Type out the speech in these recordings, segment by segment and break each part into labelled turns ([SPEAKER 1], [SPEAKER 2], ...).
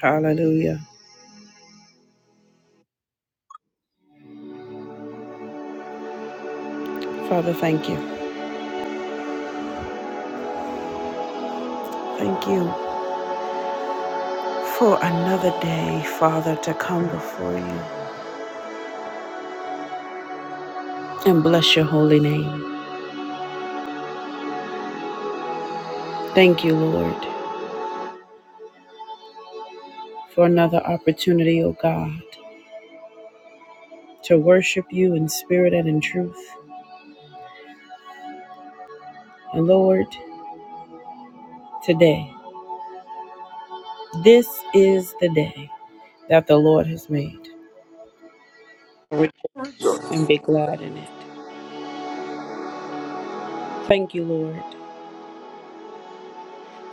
[SPEAKER 1] Hallelujah. Father, thank you. Thank you for another day, Father, to come before you and bless your holy name. Thank you, Lord, for another opportunity, O God, to worship you in spirit and in truth. And Lord, today, this is the day that the Lord has made. Rejoice and be glad in it. Thank you, Lord,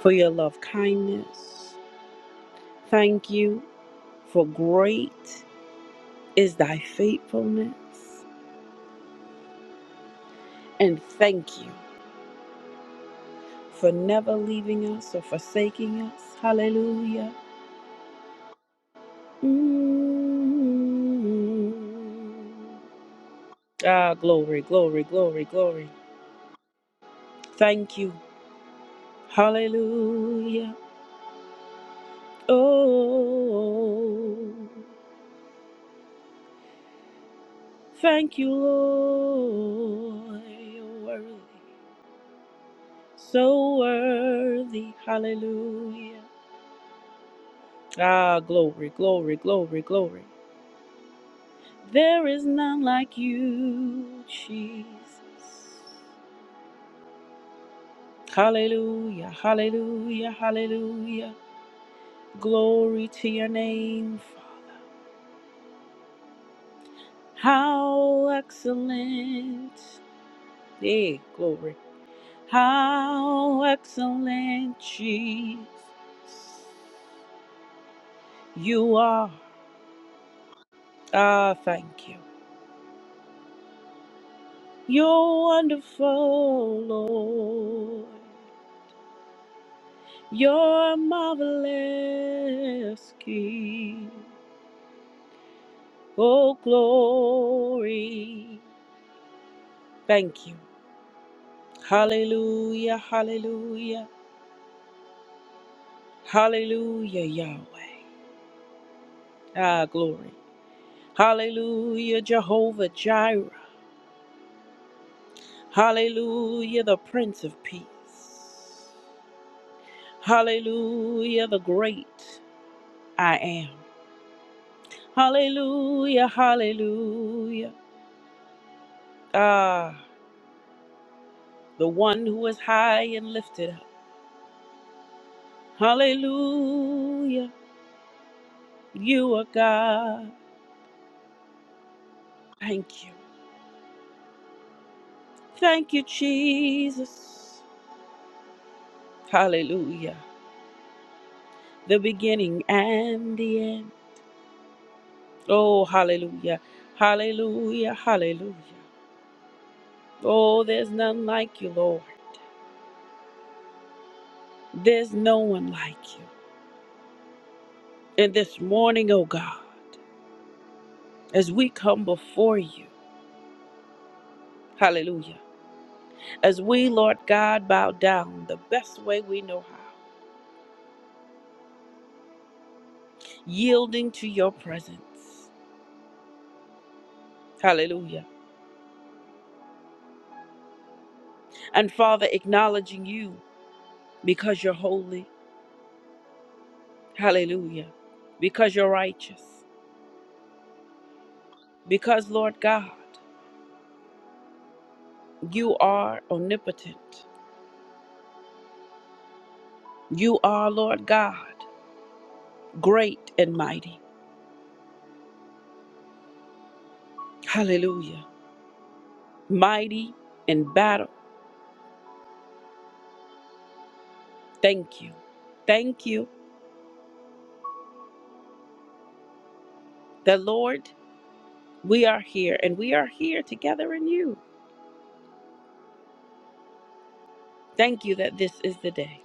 [SPEAKER 1] for your love kindness. Thank you for great is thy faithfulness. And thank you for never leaving us or forsaking us. Hallelujah. Mm. Ah, glory, glory, glory, glory. Thank you. Hallelujah. Oh, thank you, Lord. You're worthy. So worthy. Hallelujah. Ah, glory, glory, glory, glory. There is none like you, Jesus. Hallelujah, hallelujah, hallelujah. Glory to your name. Father. How excellent. Hey, glory. How excellent, Jesus. You are. Ah, thank you. You're wonderful, Lord. You're marvelous King. Oh, glory. Thank you. Hallelujah, hallelujah, hallelujah, Yahweh. Ah, glory. Hallelujah, Jehovah Jireh. Hallelujah, the Prince of Peace. Hallelujah, the great I am. Hallelujah, hallelujah. Ah, the one who is high and lifted up. Hallelujah. You are God. Thank you. Thank you, Jesus. Hallelujah. The beginning and the end. Oh, hallelujah. Hallelujah. Hallelujah. Oh, there's none like you, Lord. There's no one like you. And this morning, oh God, as we come before you, hallelujah, as we, Lord God, bow down the best way we know how, yielding to your presence. Hallelujah. And Father, acknowledging you because you're holy. Hallelujah. Because you're righteous. Because, Lord God, you are omnipotent. You are, Lord God, great and mighty. Hallelujah. Mighty in battle. Thank you. Thank you that, Lord, we are here and we are here together in you. Thank you that this is the day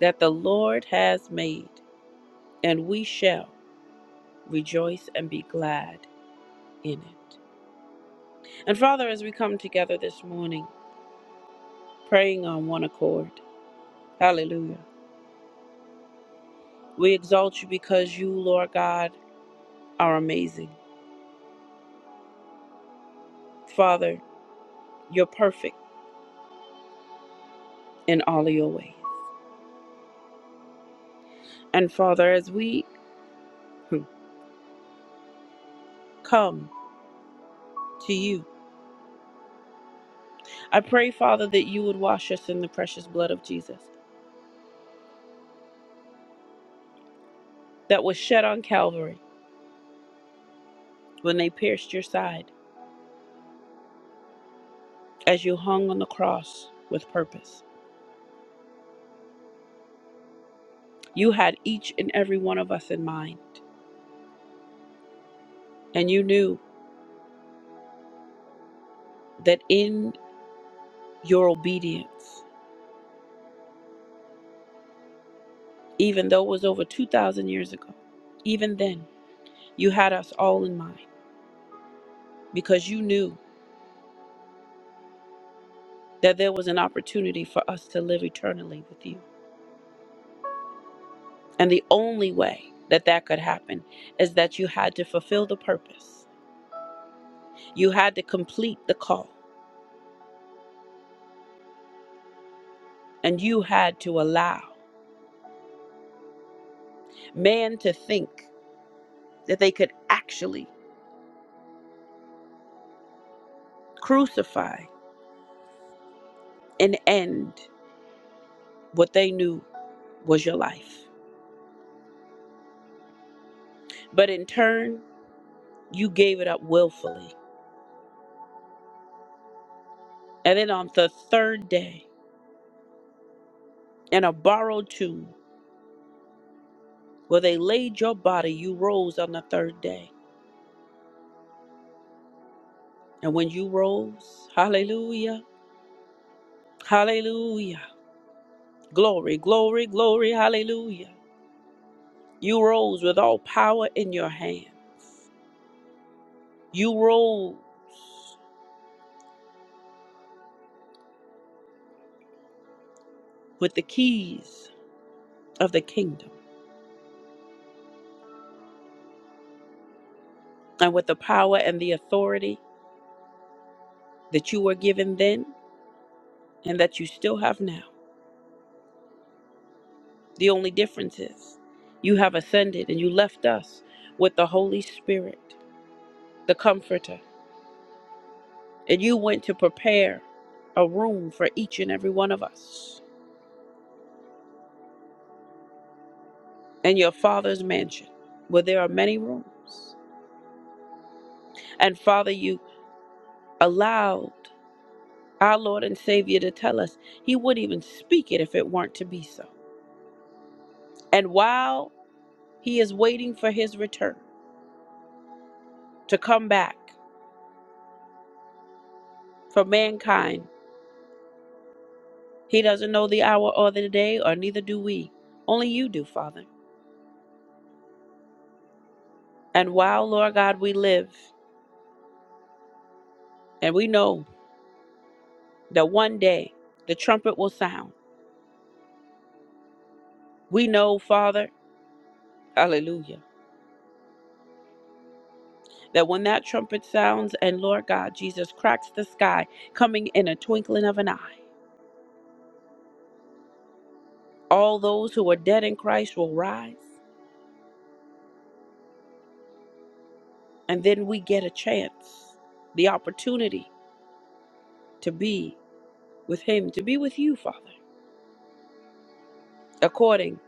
[SPEAKER 1] that the Lord has made and we shall rejoice and be glad in it. And Father, as we come together this morning, praying on one accord, hallelujah, we exalt you because you, Lord God, are amazing. Father, you're perfect in all of your ways. And Father, as we hmm, come to you, I pray, Father, that you would wash us in the precious blood of Jesus that was shed on Calvary when they pierced your side as you hung on the cross with purpose. You had each and every one of us in mind, and you knew that in your obedience, even though it was over 2,000 years ago. Even then, you had us all in mind because you knew that there was an opportunity for us to live eternally with you. And the only way that that could happen is that you had to fulfill the purpose, you had to complete the call, and you had to allow man to think that they could actually crucify and end what they knew was your life. But in turn, you gave it up willfully And then on the third day, in a borrowed tomb, where they laid your body, you rose on the third day. And when you rose, hallelujah, hallelujah, glory, glory, glory, hallelujah. You rose with all power in your hand. You rose with the keys of the kingdom and with the power and the authority that you were given then and that you still have now. The only difference is you have ascended and you left us with the Holy Spirit, the Comforter, and you went to prepare a room for each and every one of us in your Father's mansion, where there are many rooms. And Father, you allowed our Lord and Savior to tell us he wouldn't even speak it if it weren't to be so. And while he is waiting for his return to come back for mankind, He doesn't know the hour or the day, or neither do we. Only you do, Father. And while, Lord God, we live, and we know that one day the trumpet will sound, we know, Father, hallelujah, that when that trumpet sounds and, Lord God, Jesus cracks the sky, coming in a twinkling of an eye, all those who are dead in Christ will rise, and then we get a chance, the opportunity to be with Him, to be with you, Father, according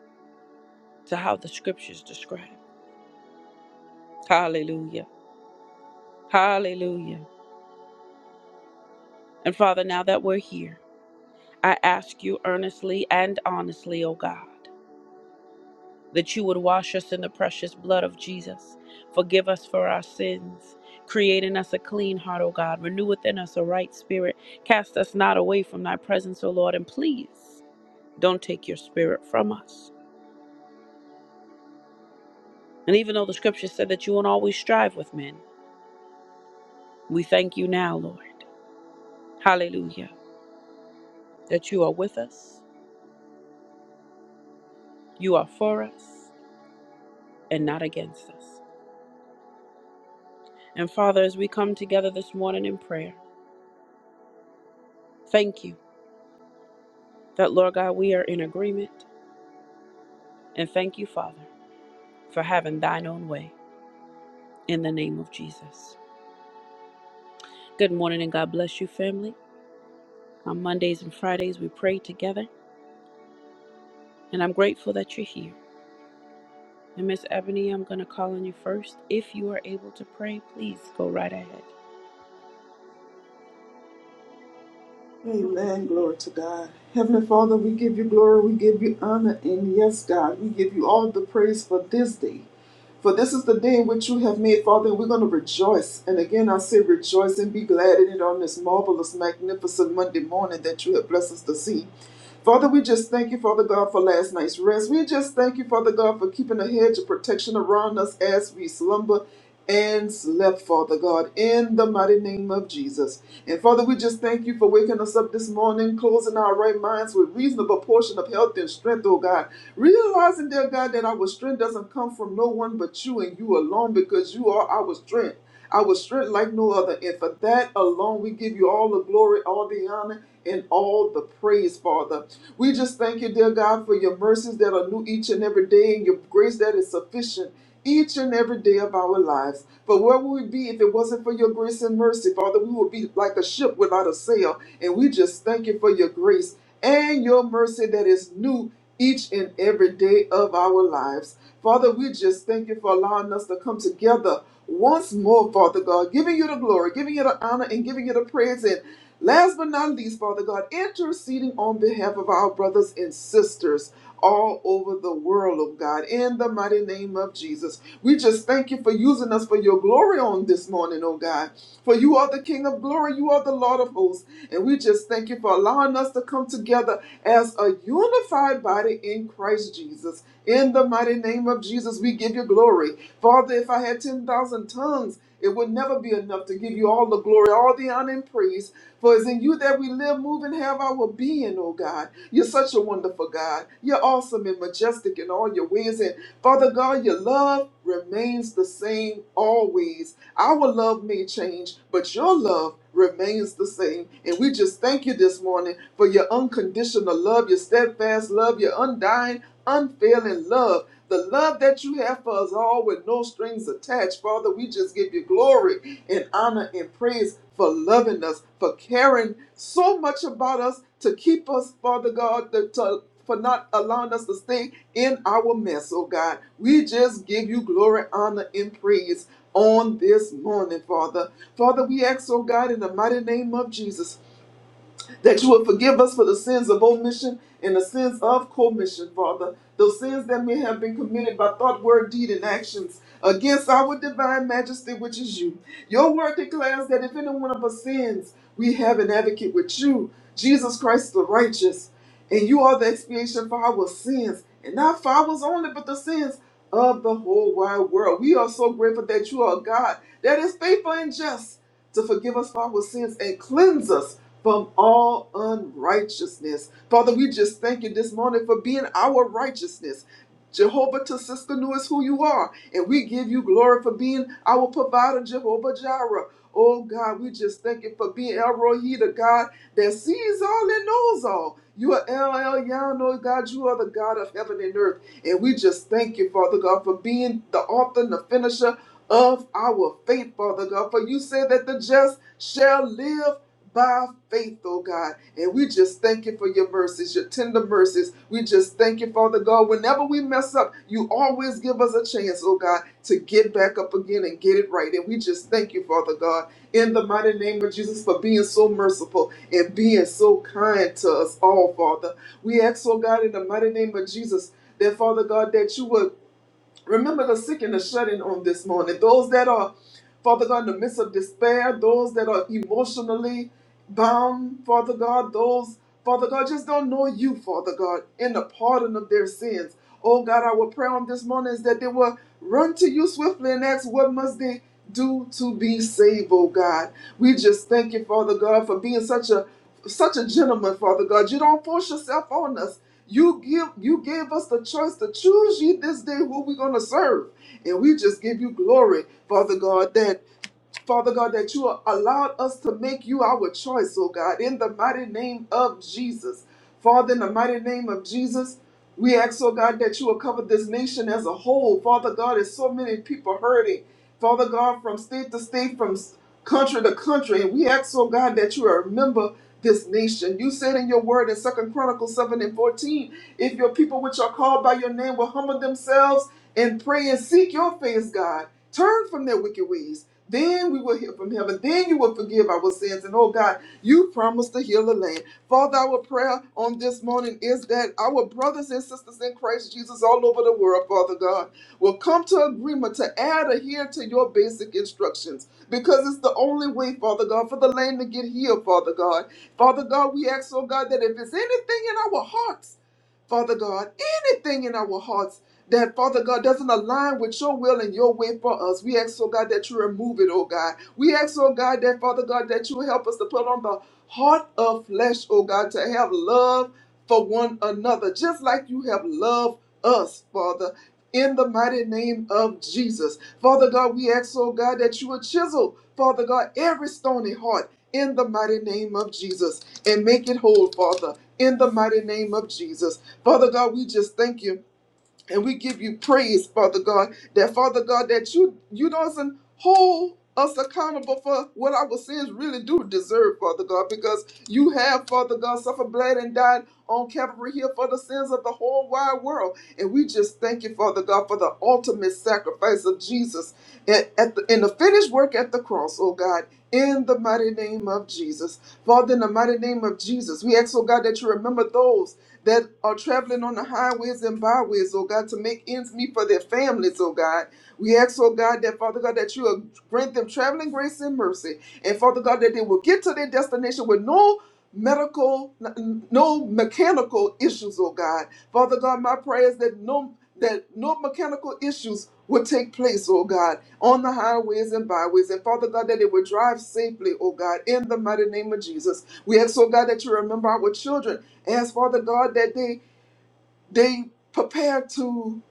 [SPEAKER 1] to how the scriptures describe. Hallelujah. Hallelujah. And Father, now that we're here, I ask you earnestly and honestly, O God, that you would wash us in the precious blood of Jesus. Forgive us for our sins. Create in us a clean heart, O God. Renew within us a right spirit. Cast us not away from thy presence, O Lord. And please don't take your spirit from us. And even though the scripture said that you won't always strive with men, we thank you now, Lord. Hallelujah. That you are with us, you are for us, and not against us. And Father, as we come together this morning in prayer, thank you that, Lord God, we are in agreement. And thank you, Father, for having thine own way in the name of Jesus. Good morning and God bless you, family. On Mondays and Fridays, we pray together. And I'm grateful that you're here. And Miss Ebony, I'm going to call on you first. If you are able to pray, please go right ahead.
[SPEAKER 2] Amen. Glory to God. Heavenly Father, we give you glory, we give you honor, and yes, God, we give you all the praise for this day. For this is the day in which you have made, Father, and we're going to rejoice. And again, I say rejoice and be glad in it on this marvelous, magnificent Monday morning that you have blessed us to see. Father, we just thank you, Father God, for last night's rest. We just thank you, Father God, for keeping a hedge of protection around us as we slumber and slept, Father God, in the mighty name of Jesus. And Father, we just thank you for waking us up this morning, closing our right minds with reasonable portion of health and strength, oh God. Realizing, dear God, that our strength doesn't come from no one but you and you alone because you are our strength. I was strength like no other. And for that alone, we give you all the glory, all the honor, and all the praise, Father. We just thank you, dear God, for your mercies that are new each and every day and your grace that is sufficient each and every day of our lives. But where would we be if it wasn't for your grace and mercy, Father? We would be like a ship without a sail. And we just thank you for your grace and your mercy that is new each and every day of our lives. Father, we just thank you for allowing us to come together once more, Father God, giving you the glory, giving you the honor, and giving you the praise. And last but not least, Father God, interceding on behalf of our brothers and sisters all over the world, oh God, in the mighty name of Jesus. We just thank you for using us for your glory on this morning, oh God. For you are the King of glory, you are the Lord of hosts. And we just thank you for allowing us to come together as a unified body in Christ Jesus. In the mighty name of Jesus, we give you glory. Father, if I had 10,000 tongues, it would never be enough to give you all the glory, all the honor, and praise for it's in you that we live, move, and have our being, oh God. You're such a wonderful God. You're awesome and majestic in all your ways. And Father God, your love remains the same always. Our love may change, but your love remains the same. And we just thank you this morning for your unconditional love, your steadfast love, your undying unfailing love, the love that you have for us all with no strings attached. Father, we just give you glory and honor and praise for loving us, for caring so much about us to keep us, Father God, to, to- for not allowing us to stay in our mess, oh God. We just give you glory, honor, and praise on this morning, Father. Father, we ask, oh God, in the mighty name of Jesus that you will forgive us for the sins of omission and the sins of commission, Father. Those sins that may have been committed by thought, word, deed, and actions against our divine majesty, which is you. Your word declares that if any one of us sins, we have an advocate with you, Jesus Christ the righteous. And you are the expiation for our sins, and not for ours only, but the sins of the whole wide world. We are so grateful that you are a God that is faithful and just to forgive us for our sins and cleanse us from all unrighteousness. Father, we just thank you this morning for being our righteousness. Jehovah Tosiskanu is who you are, and we give you glory for being our provider, Jehovah Jireh. Oh God, we just thank you for being El Rohi, the God that sees all and knows all. You are El Yano, God. You are the God of heaven and earth. And we just thank you, Father God, for being the author and the finisher of our faith, Father God. For you said that the just shall live by faith, oh God. And we just thank you for your mercies, your tender mercies. We just thank you, Father God. Whenever we mess up, you always give us a chance, oh God, to get back up again and get it right. And we just thank you, Father God, in the mighty name of Jesus for being so merciful and being so kind to us all, Father. We ask, oh God, in the mighty name of Jesus, that Father God, that you would Remember the sick and the shut in on this morning. Those that are, Father God, in the midst of despair, those that are emotionally bound, Father God, those, Father God, just don't know you, Father God, in the pardon of their sins. Oh God, our prayer on this morning is that they will run to you swiftly and ask, what must they do to be saved, oh God? We just thank you, Father God, for being such a such a gentleman, Father God. You don't force yourself on us. You give you gave us the choice to choose ye this day who we're gonna serve. And we just give you glory, Father God, that Father God, that you allowed us to make you our choice, oh God, in the mighty name of Jesus. Father, in the mighty name of Jesus, we ask, oh God, that you will cover this nation as a whole. Father God, there's so many people hurting. Father God, from state to state, from s- country to country. And we ask, oh God, that you remember this nation. You said in your word in Second Chronicles 7 and 14, if your people which are called by your name will humble themselves and pray and seek your face, God, turn from their wicked ways. Then we will hear from heaven. Then you will forgive our sins. And oh God, you promised to heal the land. Father, our prayer on this morning is that our brothers and sisters in Christ Jesus all over the world, Father God, will come to agreement to add or adhere to your basic instructions because it's the only way, Father God, for the land to get healed, Father God. Father God, we ask, oh God, that if there's anything in our hearts, Father God, anything in our hearts that Father God doesn't align with your will and your way for us. We ask, oh God, that you remove it, oh God. We ask, oh God, that Father God, that you help us to put on the heart of flesh, oh God, to have love for one another, just like you have loved us, Father. In the mighty name of Jesus. Father God, we ask, oh God, that you would chisel, Father God, every stony heart in the mighty name of Jesus and make it whole, Father, in the mighty name of Jesus. Father God, we just thank you. And we give you praise, Father God, that Father God, that you you doesn't hold us accountable for what our sins really do deserve, Father God, because you have, Father God, suffered, bled, and died on Calvary Hill for the sins of the whole wide world. And we just thank you, Father God, for the ultimate sacrifice of Jesus at, at the, in the finished work at the cross, oh God, in the mighty name of Jesus. Father, in the mighty name of Jesus, we ask, oh God, that you remember those that are traveling on the highways and byways, oh God, to make ends meet for their families, oh God. We ask, oh God, that Father God, that you will grant them traveling grace and mercy. And Father God, that they will get to their destination with no medical, no mechanical issues, oh God. Father God, my prayer is that no that no mechanical issues would take place, oh God, on the highways and byways. And Father God, that they will drive safely, oh God, in the mighty name of Jesus. We ask, oh God, that you remember our children as Father God that they they prepare to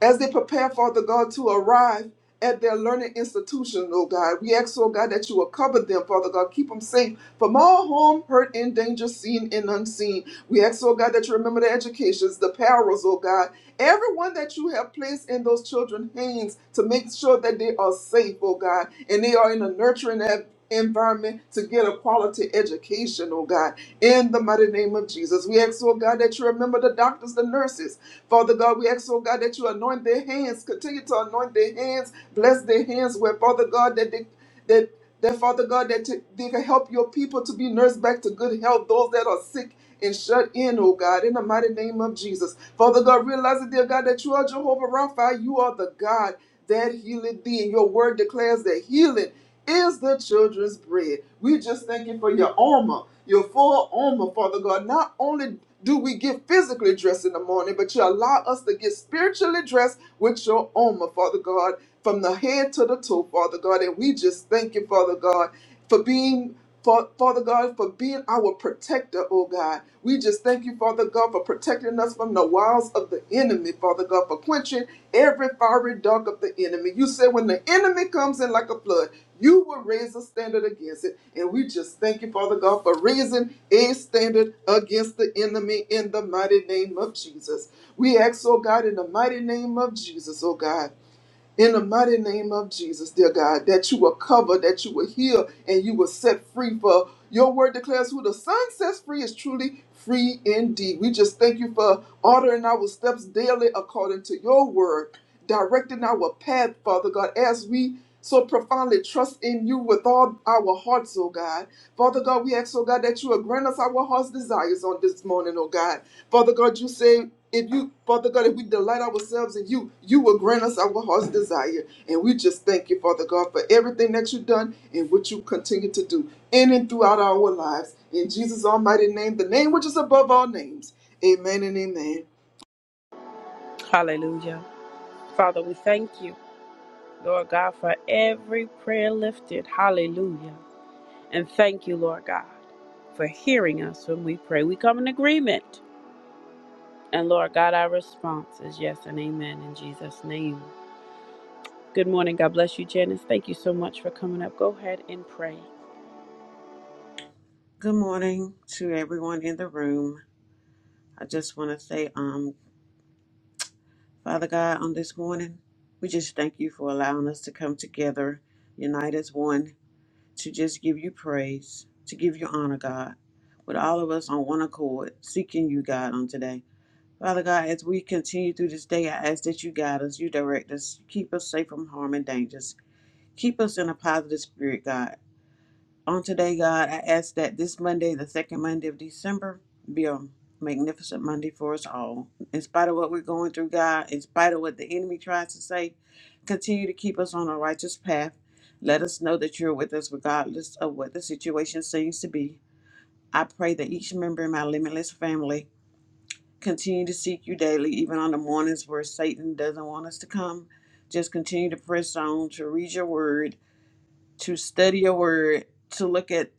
[SPEAKER 2] as they prepare Father God to arrive at their learning institution, oh God. We ask, oh God, that you will cover them, Father God. Keep them safe from all harm, hurt, and danger, seen and unseen. We ask, oh God, that you remember the educations, the perils, oh God. Everyone that you have placed in those children's hands to make sure that they are safe, oh God, and they are in a nurturing en- environment to get a quality education, oh God, in the mighty name of Jesus. We ask, oh God, that you remember the doctors, the nurses. Father God, we ask, oh God, that you anoint their hands, continue to anoint their hands, bless their hands where, Father God, that they that that Father God that t- they can help your people to be nursed back to good health, those that are sick and shut in, oh God, in the mighty name of Jesus. Father God, realizing, dear God, that you are Jehovah Rapha, you are the God that healeth thee, and your word declares that healing is the children's bread. We just thank you for your armor, your full armor, Father God. Not only do we get physically dressed in the morning, but you allow us to get spiritually dressed with your armor, Father God from the head to the toe, Father God. And we just thank you, Father God, for being. Fa- Father God, for being our protector, oh God. We just thank you, Father God, for protecting us from the wiles of the enemy, Father God, for quenching every fiery dart of the enemy. You said when the enemy comes in like a flood, you will raise a standard against it. And we just thank you, Father God, for raising a standard against the enemy in the mighty name of Jesus. We ask, oh God, in the mighty name of Jesus, oh God. In the mighty name of Jesus, dear God, that you will cover, that you will heal, and you will set free. For your word declares, who the Son sets free is truly free indeed. We just thank you for ordering our steps daily according to your word, directing our path, Father God, as we so profoundly trust in you with all our hearts, oh God. Father God, we ask, oh God, that you will grant us our heart's desires on this morning, oh God. Father God, you say, if you, Father God, if we delight ourselves in you, you will grant us our heart's desire. And we just thank you, Father God, for everything that you've done and what you continue to do in and throughout our lives. In Jesus' almighty name, the name which is above all names. Amen and amen.
[SPEAKER 1] Hallelujah. Father, we thank you, Lord God, for every prayer lifted. Hallelujah. And thank you, Lord God, for hearing us when we pray. We come in agreement. And Lord God, our response is yes and amen in Jesus' name. Good morning. God bless you, Janice. Thank you so much for coming up. Go ahead and pray.
[SPEAKER 3] Good morning to everyone in the room. I just want to say, um, Father God, on this morning, we just thank you for allowing us to come together, unite as one, to just give you praise, to give you honor, God, with all of us on one accord, seeking you, God, on today. Father God, as we continue through this day, I ask that you guide us, you direct us, keep us safe from harm and dangers. Keep us in a positive spirit, God. On today, God, I ask that this Monday, the second Monday of December, be a magnificent Monday for us all. In spite of what we're going through, God, in spite of what the enemy tries to say, continue to keep us on a righteous path. Let us know that you're with us regardless of what the situation seems to be. I pray that each member in my limitless family continue to seek you daily, even on the mornings where Satan doesn't want us to come. Just continue to press on to read your word to study your word, to look at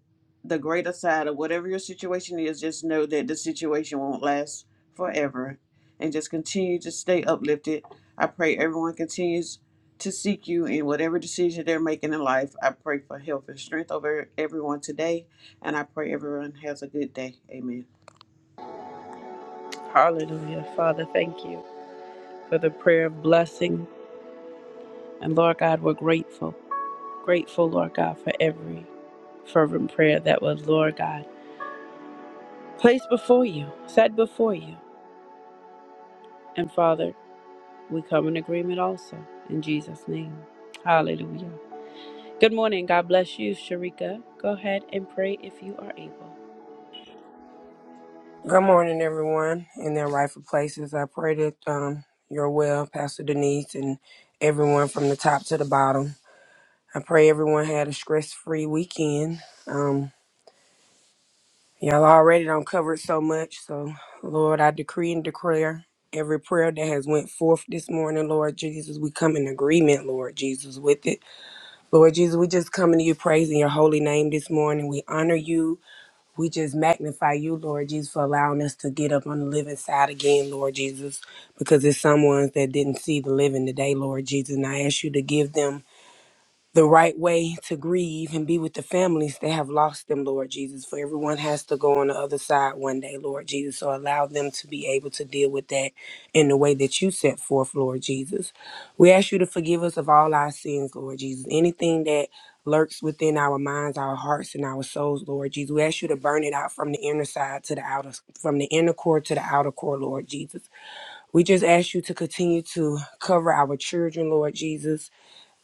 [SPEAKER 3] the greater side of whatever your situation is, just know that the situation won't last forever and just continue to stay uplifted. I pray everyone continues to seek you in whatever decision they're making in life. I pray for health and strength over everyone today, and I pray everyone has a good day. Amen.
[SPEAKER 1] Hallelujah. Father, thank you for the prayer of blessing. And Lord God, we're grateful. Grateful, Lord God, for every fervent prayer that was, Lord God, placed before you, said before you. And Father, we come in agreement also in Jesus' name. Hallelujah. Good morning. God bless you, Sharika. Go ahead and pray if you are able.
[SPEAKER 4] Good morning, everyone, in their rightful places. I pray that um, you're well, Pastor Denise, and everyone from the top to the bottom. I pray everyone had a stress free weekend. Um, y'all already don't cover it so much, so Lord, I decree and declare every prayer that has went forth this morning, Lord Jesus, we come in agreement, Lord Jesus, with it. Lord Jesus, we just coming to you praising your holy name this morning. We honor you. We just magnify you, Lord Jesus, for allowing us to get up on the living side again, Lord Jesus, because there's some ones that didn't see the living today, Lord Jesus. And I ask you to give them the right way to grieve and be with the families that have lost them, Lord Jesus. For everyone has to go on the other side one day, Lord Jesus. So allow them to be able to deal with that in the way that you set forth, Lord Jesus. We ask you to forgive us of all our sins, Lord Jesus. Anything that lurks within our minds, our hearts, and our souls, Lord Jesus. We ask you to burn it out from the inner side to the outer, from the inner core to the outer core, Lord Jesus. We just ask you to continue to cover our children, Lord Jesus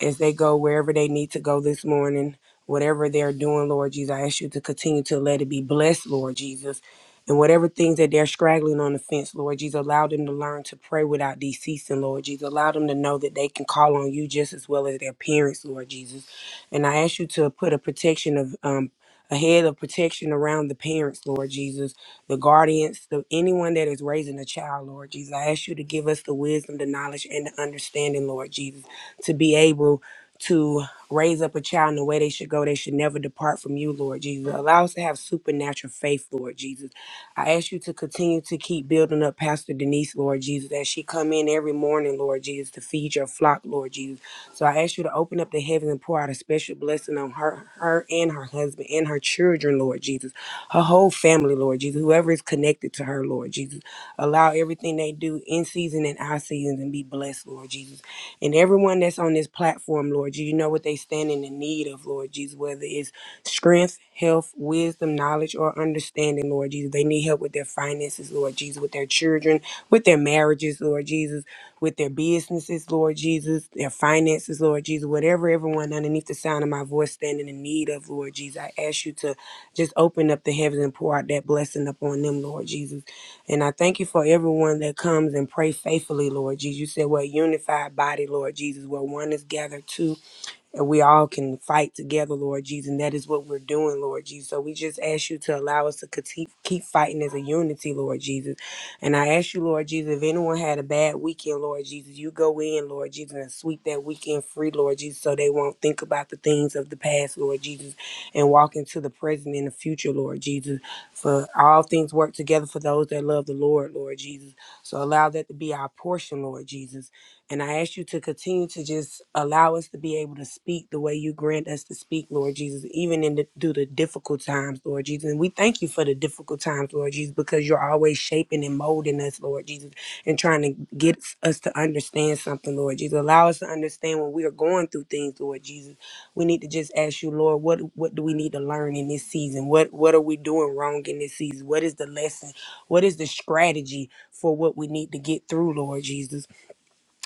[SPEAKER 4] as they go wherever they need to go this morning, whatever they're doing, Lord Jesus, I ask you to continue to let it be blessed, Lord Jesus. And whatever things that they're straggling on the fence, Lord Jesus, allow them to learn to pray without deceasing, Lord Jesus. Allow them to know that they can call on you just as well as their parents, Lord Jesus. And I ask you to put a protection of um a head of protection around the parents, Lord Jesus, the guardians, the anyone that is raising a child, Lord Jesus. I ask you to give us the wisdom, the knowledge, and the understanding, Lord Jesus to be able to raise up a child in the way they should go. They should never depart from you, Lord Jesus. Allow us to have supernatural faith, Lord Jesus. I ask you to continue to keep building up Pastor Denise, Lord Jesus, as she come in every morning, Lord Jesus, to feed your flock, Lord Jesus. So I ask you to open up the heavens and pour out a special blessing on her, her and her husband and her children, Lord Jesus. Her whole family, Lord Jesus, whoever is connected to her, Lord Jesus. Allow everything they do in season and out of season and be blessed, Lord Jesus. And everyone that's on this platform, Lord, you know what they stand in the need of, Lord Jesus, whether it's strength, health, wisdom, knowledge, or understanding, Lord Jesus. They need help with their finances, Lord Jesus, with their children, with their marriages, Lord Jesus, with their businesses, Lord Jesus, their finances, Lord Jesus, whatever everyone underneath the sound of my voice standing in need of, Lord Jesus. I ask you to just open up the heavens and pour out that blessing upon them, Lord Jesus. And I thank you for everyone that comes and pray faithfully, Lord Jesus. You said we're a unified body, Lord Jesus, where one is gathered, two and we all can fight together, Lord Jesus. And that is what we're doing, Lord Jesus. So we just ask you to allow us to conti- keep fighting as a unity, Lord Jesus. And I ask you, Lord Jesus, if anyone had a bad weekend, Lord Jesus, you go in, Lord Jesus, and sweep that weekend free, Lord Jesus, so they won't think about the things of the past, Lord Jesus, and walk into the present and the future, Lord Jesus. For all things work together for those that love the Lord, Lord Jesus. So allow that to be our portion, Lord Jesus. And I ask you to continue to just allow us to be able to speak the way you grant us to speak, Lord Jesus, even in the, through the difficult times, Lord Jesus. And we thank you for the difficult times, Lord Jesus, because you're always shaping and molding us, Lord Jesus, and trying to get us to understand something, Lord Jesus. Allow us to understand when we are going through things, Lord Jesus. We need to just ask you, Lord, what what do we need to learn in this season? What what are we doing wrong in this season? What is the lesson? What is the strategy for what we need to get through, Lord Jesus?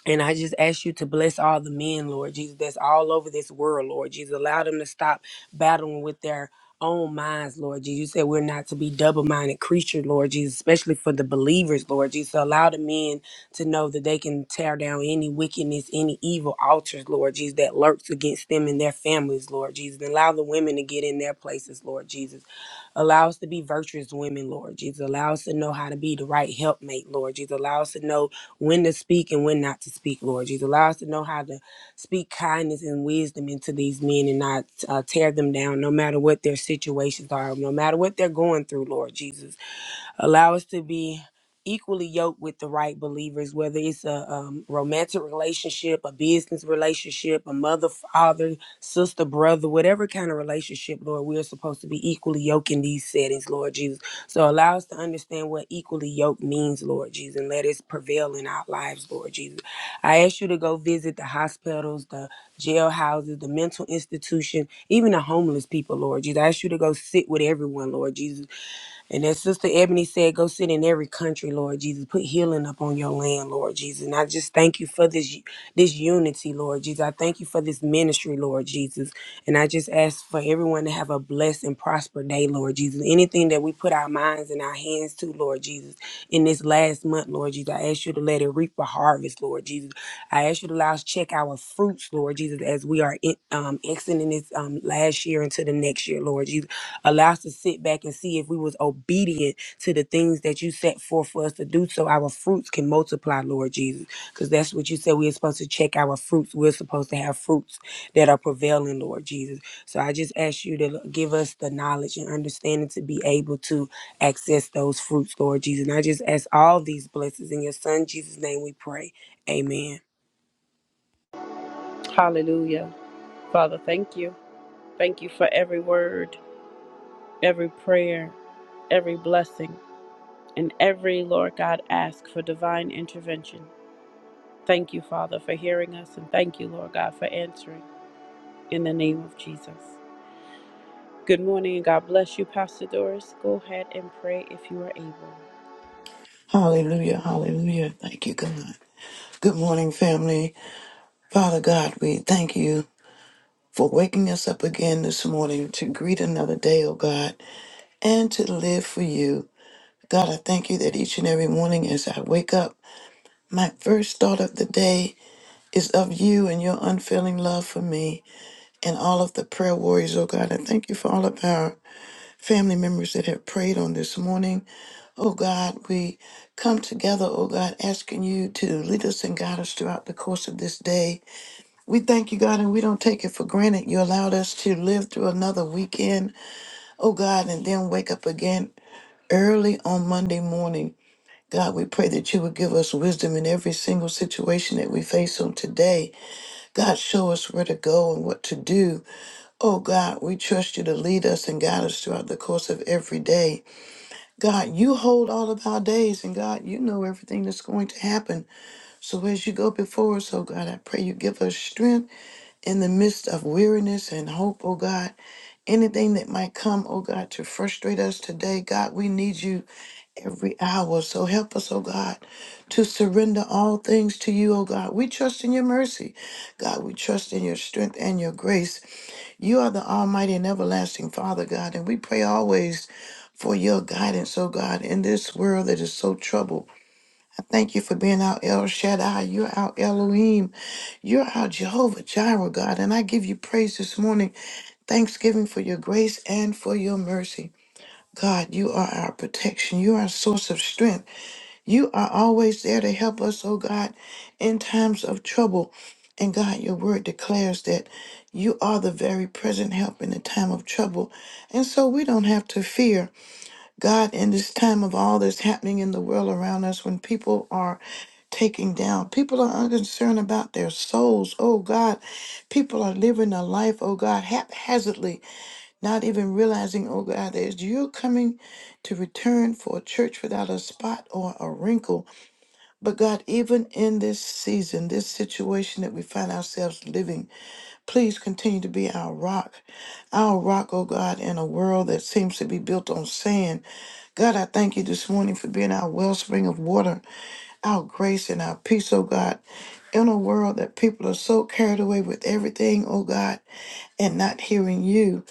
[SPEAKER 4] And I just ask you to bless all the men, Lord Jesus, that's all over this world, Lord Jesus. Allow them to stop battling with their own minds, Lord Jesus. You said we're not to be double minded creatures, Lord Jesus, especially for the believers, Lord Jesus. So Allow the men to know that they can tear down any wickedness, any evil altars, Lord Jesus, that lurks against them and their families, Lord Jesus. And allow the women to get in their places, Lord Jesus. Allow us to be virtuous women, Lord Jesus. Allow us to know how to be the right helpmate, Lord Jesus. Allow us to know when to speak and when not to speak, Lord Jesus. Allow us to know how to speak kindness and wisdom into these men and not uh, tear them down, no matter what their situations are, no matter what they're going through, Lord Jesus. Allow us to be equally yoked with the right believers, whether it's a um, romantic relationship, a business relationship, a mother, father, sister, brother, whatever kind of relationship, Lord, we are supposed to be equally yoked in these settings, Lord Jesus. So allow us to understand what equally yoked means, Lord Jesus, and let it prevail in our lives, Lord Jesus. I ask you to go visit the hospitals, the jail houses, the mental institution, even the homeless people, Lord Jesus. I ask you to go sit with everyone, Lord Jesus and as Sister Ebony said, go sit in every country, Lord Jesus. Put healing up on your land, Lord Jesus. And I just thank you for this this unity, Lord Jesus. I thank you for this ministry, Lord Jesus. And I just ask for everyone to have a blessed and prosper day, Lord Jesus. Anything that we put our minds and our hands to, Lord Jesus, in this last month, Lord Jesus, I ask you to let it reap a harvest, Lord Jesus. I ask you to allow us to check our fruits, Lord Jesus, as we are in, um, exiting this um, last year into the next year, Lord Jesus. Allow us to sit back and see if we was obedient to the things that you set forth for us to do so our fruits can multiply, Lord Jesus. Because that's what you said we're supposed to check our fruits. We're supposed to have fruits that are prevailing, Lord Jesus. So I just ask you to give us the knowledge and understanding to be able to access those fruits, Lord Jesus. And I just ask all these blessings in your son Jesus' name we pray. Amen.
[SPEAKER 1] Hallelujah. Father, thank you. Thank you for every word, every prayer, every blessing, and every, Lord God, ask for divine intervention. Thank you, Father, for hearing us, and thank you, Lord God, for answering in the name of Jesus. Good morning, and God bless you, Pastor Doris. Go ahead and pray if you are able.
[SPEAKER 5] Hallelujah, hallelujah. Thank you, God. Good morning, family. Father God, we thank you for waking us up again this morning to greet another day, oh God, and to live for you. God, I thank you that each and every morning as I wake up, my first thought of the day is of you and your unfailing love for me and all of the prayer warriors, oh God. I thank you for all of our family members that have prayed on this morning. Oh God, we come together, oh God, asking you to lead us and guide us throughout the course of this day. We thank you, God, and we don't take it for granted. You allowed us to live through another weekend, oh God, and then wake up again early on Monday morning. God, we pray that you would give us wisdom in every single situation that we face on today. God, show us where to go and what to do. Oh God, we trust you to lead us and guide us throughout the course of every day. God, you hold all of our days, and God, you know everything that's going to happen. So as you go before us, oh God, I pray you give us strength in the midst of weariness and hope, oh God. Anything that might come, oh God, to frustrate us today, God, we need you every hour. So help us, oh God, to surrender all things to you, oh God. We trust in your mercy. God, we trust in your strength and your grace. You are the Almighty and Everlasting Father, God, and we pray always for your guidance, oh God, in this world that is so troubled. I thank you for being our El Shaddai. You're our Elohim. You're our Jehovah Jireh, God, and I give you praise this morning, thanksgiving for your grace and for your mercy. God, you are our protection. You are our source of strength. You are always there to help us, oh God, in times of trouble. And God, your word declares that you are the very present help in the time of trouble. And so we don't have to fear, God, in this time of all that's happening in the world around us when people are taking down. People are unconcerned about their souls. Oh God, people are living a life, oh God, haphazardly, not even realizing, oh God, that you're coming to return for a church without a spot or a wrinkle. But God, even in this season, this situation that we find ourselves living, please continue to be our rock. Our rock, oh God, in a world that seems to be built on sand. God, I thank you this morning for being our wellspring of water, our grace and our peace, oh God. In a world that people are so carried away with everything, oh God, and not hearing you.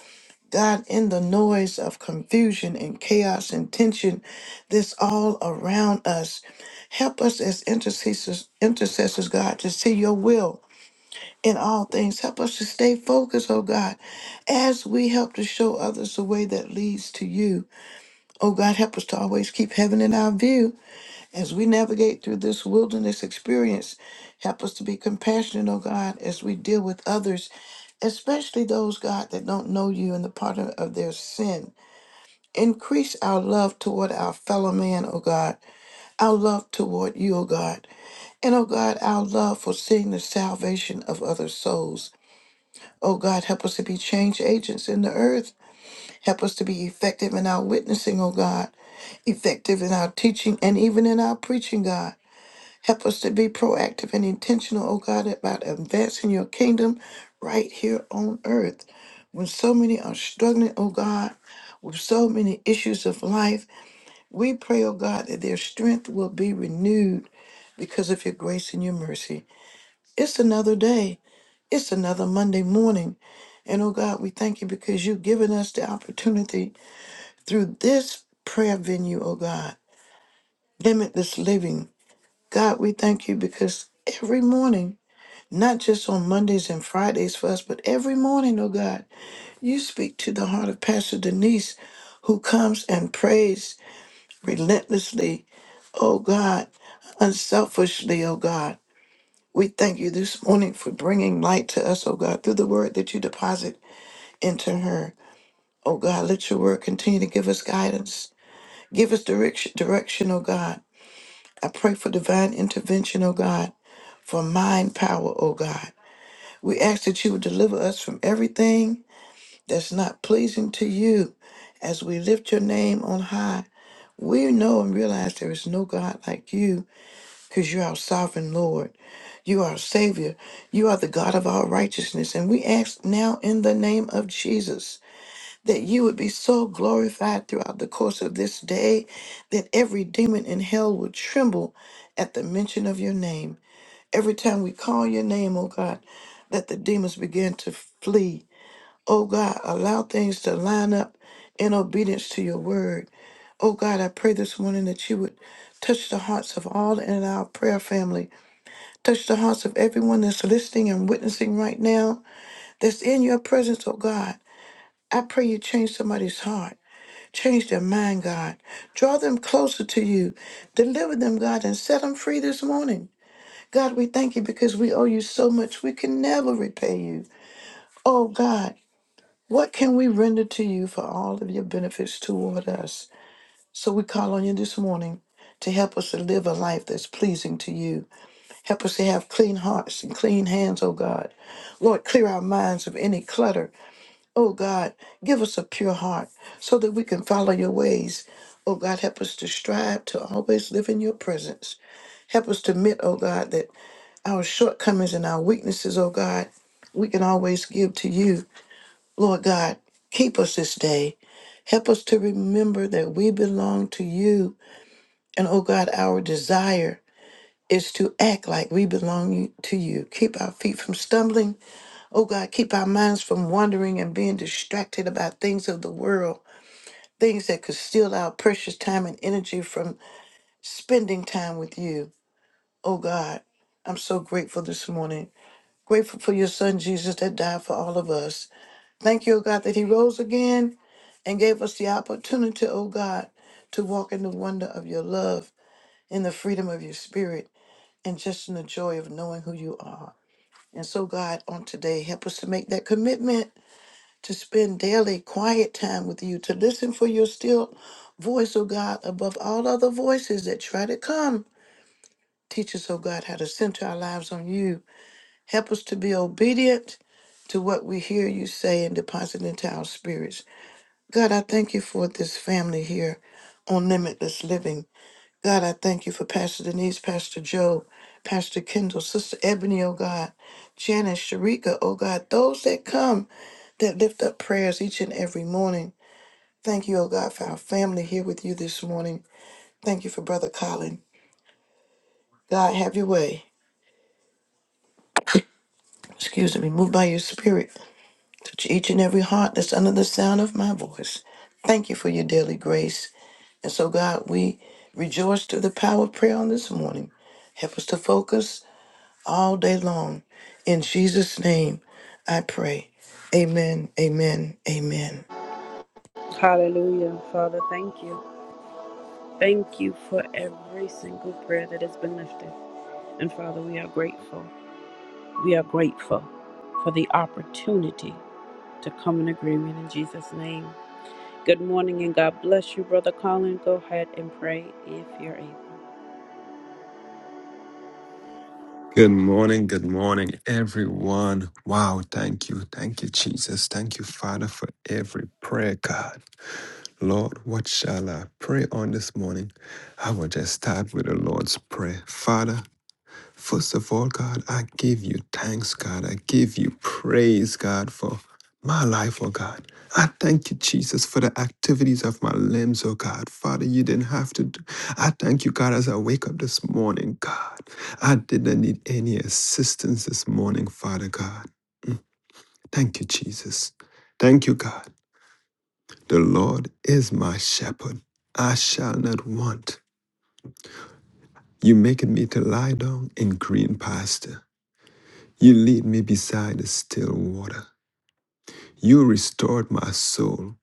[SPEAKER 5] God, in the noise of confusion and chaos and tension that's all around us, help us as intercessors, intercessors, God, to see your will in all things. Help us to stay focused, oh God, as we help to show others the way that leads to you. Oh God, help us to always keep heaven in our view as we navigate through this wilderness experience. Help us to be compassionate, oh God, as we deal with others, especially those, God, that don't know you and the part of of their sin. Increase our love toward our fellow man, O God, our love toward you, O God, and, O God, our love for seeing the salvation of other souls. O God, help us to be change agents in the earth. Help us to be effective in our witnessing, O God, effective in our teaching and even in our preaching, God. Help us to be proactive and intentional, O God, about advancing your kingdom right here on earth. When so many are struggling, O God, with so many issues of life, We pray, oh God, that their strength will be renewed because of your grace and your mercy. It's another day. It's another Monday morning. And oh God, we thank you because you've given us the opportunity through this prayer venue, oh God, limitless living. God, we thank you because every morning, not just on Mondays and Fridays for us, but every morning, oh God, you speak to the heart of Pastor Denise who comes and prays relentlessly Oh God, unselfishly, oh God. We thank you this morning for bringing light to us, oh God, through the word that you deposit into her. Oh God, let your word continue to give us guidance. Give us direction, direction, oh God. I pray for divine intervention, oh God, for mind power, oh God. We ask that you would deliver us from everything that's not pleasing to you as we lift your name on high. We know and realize there is no God like you. because you are our sovereign Lord. You are our Savior. You are the God of all righteousness. And we ask now in the name of Jesus that you would be so glorified throughout the course of this day that every demon in hell would tremble at the mention of your name. Every time we call your name, oh God, that the demons begin to flee. Oh God, allow things to line up in obedience to your word. Oh God, I pray this morning that you would touch the hearts of all in our prayer family Touch the hearts of everyone that's listening and witnessing right now, that's in your presence, oh God. I pray you change somebody's heart, change their mind, God. Draw them closer to you, deliver them, God, and set them free this morning. God, we thank you because we owe you so much. We can never repay you. Oh, God, what can we render to you for all of your benefits toward us? So we call on you this morning to help us to live a life that's pleasing to you. Help us to have clean hearts and clean hands, O God. Lord, clear our minds of any clutter. O God, give us a pure heart so that we can follow your ways. O God, help us to strive to always live in your presence. Help us to admit, O God, that our shortcomings and our weaknesses, O God, we can always give to you. Lord God, keep us this day. Help us to remember that we belong to you. And, O God, our desire is to act like we belong to you. Keep our feet from stumbling. Oh God, keep our minds from wandering and being distracted about things of the world, things that could steal our precious time and energy from spending time with you. Oh God, I'm so grateful this morning. Grateful for your son Jesus that died for all of us. Thank you, oh God, that he rose again and gave us the opportunity, oh God, to walk in the wonder of your love, in the freedom of your spirit, and just in the joy of knowing who you are. And so, God, on today, help us to make that commitment to spend daily quiet time with you, to listen for your still voice, oh God, above all other voices that try to come. Teach us, oh God, how to center our lives on you. Help us to be obedient to what we hear you say and deposit into our spirits. God, I thank you for this family here on Limitless Living. God, I thank you for Pastor Denise, Pastor Joe, Pastor Kendall, Sister Ebony, oh God, Janice, Sharika, oh God, those that come that lift up prayers each and every morning. Thank you, oh God, for our family here with you this morning. Thank you for Brother Colin. God, have your way. Excuse me, move by your spirit. Touch each and every heart that's under the sound of my voice. Thank you for your daily grace. And so, God, we rejoice through the power of prayer on this morning. Help us to focus. all day long. In Jesus' name, I pray. Amen, amen, amen.
[SPEAKER 1] Hallelujah. Father, thank you. Thank you for every single prayer that has been lifted. And Father, we are grateful. We are grateful for the opportunity to come in agreement in Jesus' name. Good morning and God bless you, Brother Colin. Go ahead and pray if you're able.
[SPEAKER 6] Good morning, good morning, everyone. Wow, thank you, thank you, Jesus. Thank you, Father, for every prayer, God. Lord, what shall I pray on this morning? I will just start with the Lord's Prayer. Father, First of all, God, I give you thanks, God. I give you praise, God, for my life, oh God. I thank you, Jesus, for the activities of my limbs, oh God. Father, you didn't have to. Do. I thank you, God, as I wake up this morning, God. I didn't need any assistance this morning, Father God. Thank you, Jesus. Thank you, God. The Lord is my shepherd. I shall not want. You making me to lie down in green pasture. You lead me beside the still water. You restored my soul.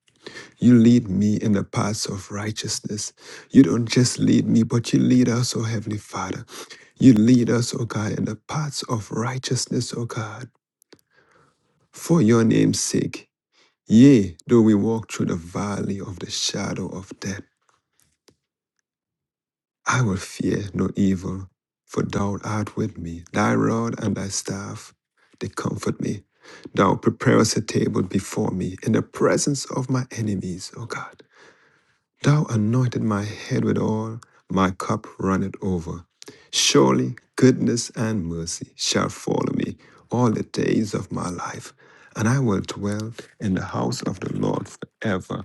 [SPEAKER 6] You lead me in the paths of righteousness. You don't just lead me, but you lead us, O Heavenly Father. You lead us, O God, in the paths of righteousness, O God, for your name's sake. Yea, though we walk through the valley of the shadow of death, I will fear no evil, for thou art with me. Thy rod and thy staff, they comfort me. Thou preparest a table before me in the presence of my enemies, O God. Thou anointed my head with oil, my cup runneth over. Surely goodness and mercy shall follow me all the days of my life, and I will dwell in the house of the Lord forever.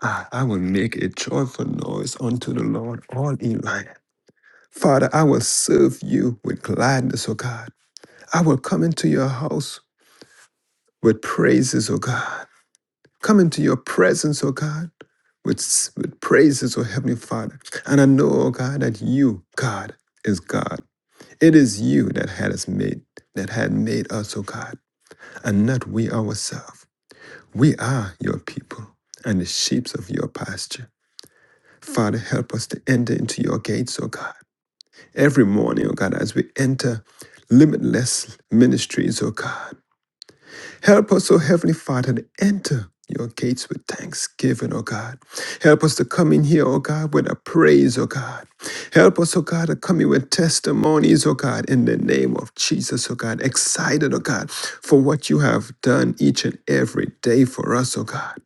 [SPEAKER 6] Ah, I will make a joyful noise unto the Lord all in life. Father, I will serve you with gladness, O God. I will come into your house with praises, O God. Come into your presence, O God, with, with praises, O Heavenly Father. And I know, O God, that you, God, is God. It is you that had us made, that had made us, O God, and not we ourselves. We are your people and the sheep of your pasture. Father, help us to enter into your gates, O God every morning, oh God, as we enter limitless ministries, oh God. Help us, oh Heavenly Father, to enter your gates with thanksgiving, oh God. Help us to come in here, oh God, with a praise, oh God. Help us, oh God, to come in with testimonies, oh God, in the name of Jesus, oh God. Excited, oh God, for what you have done each and every day for us, oh God.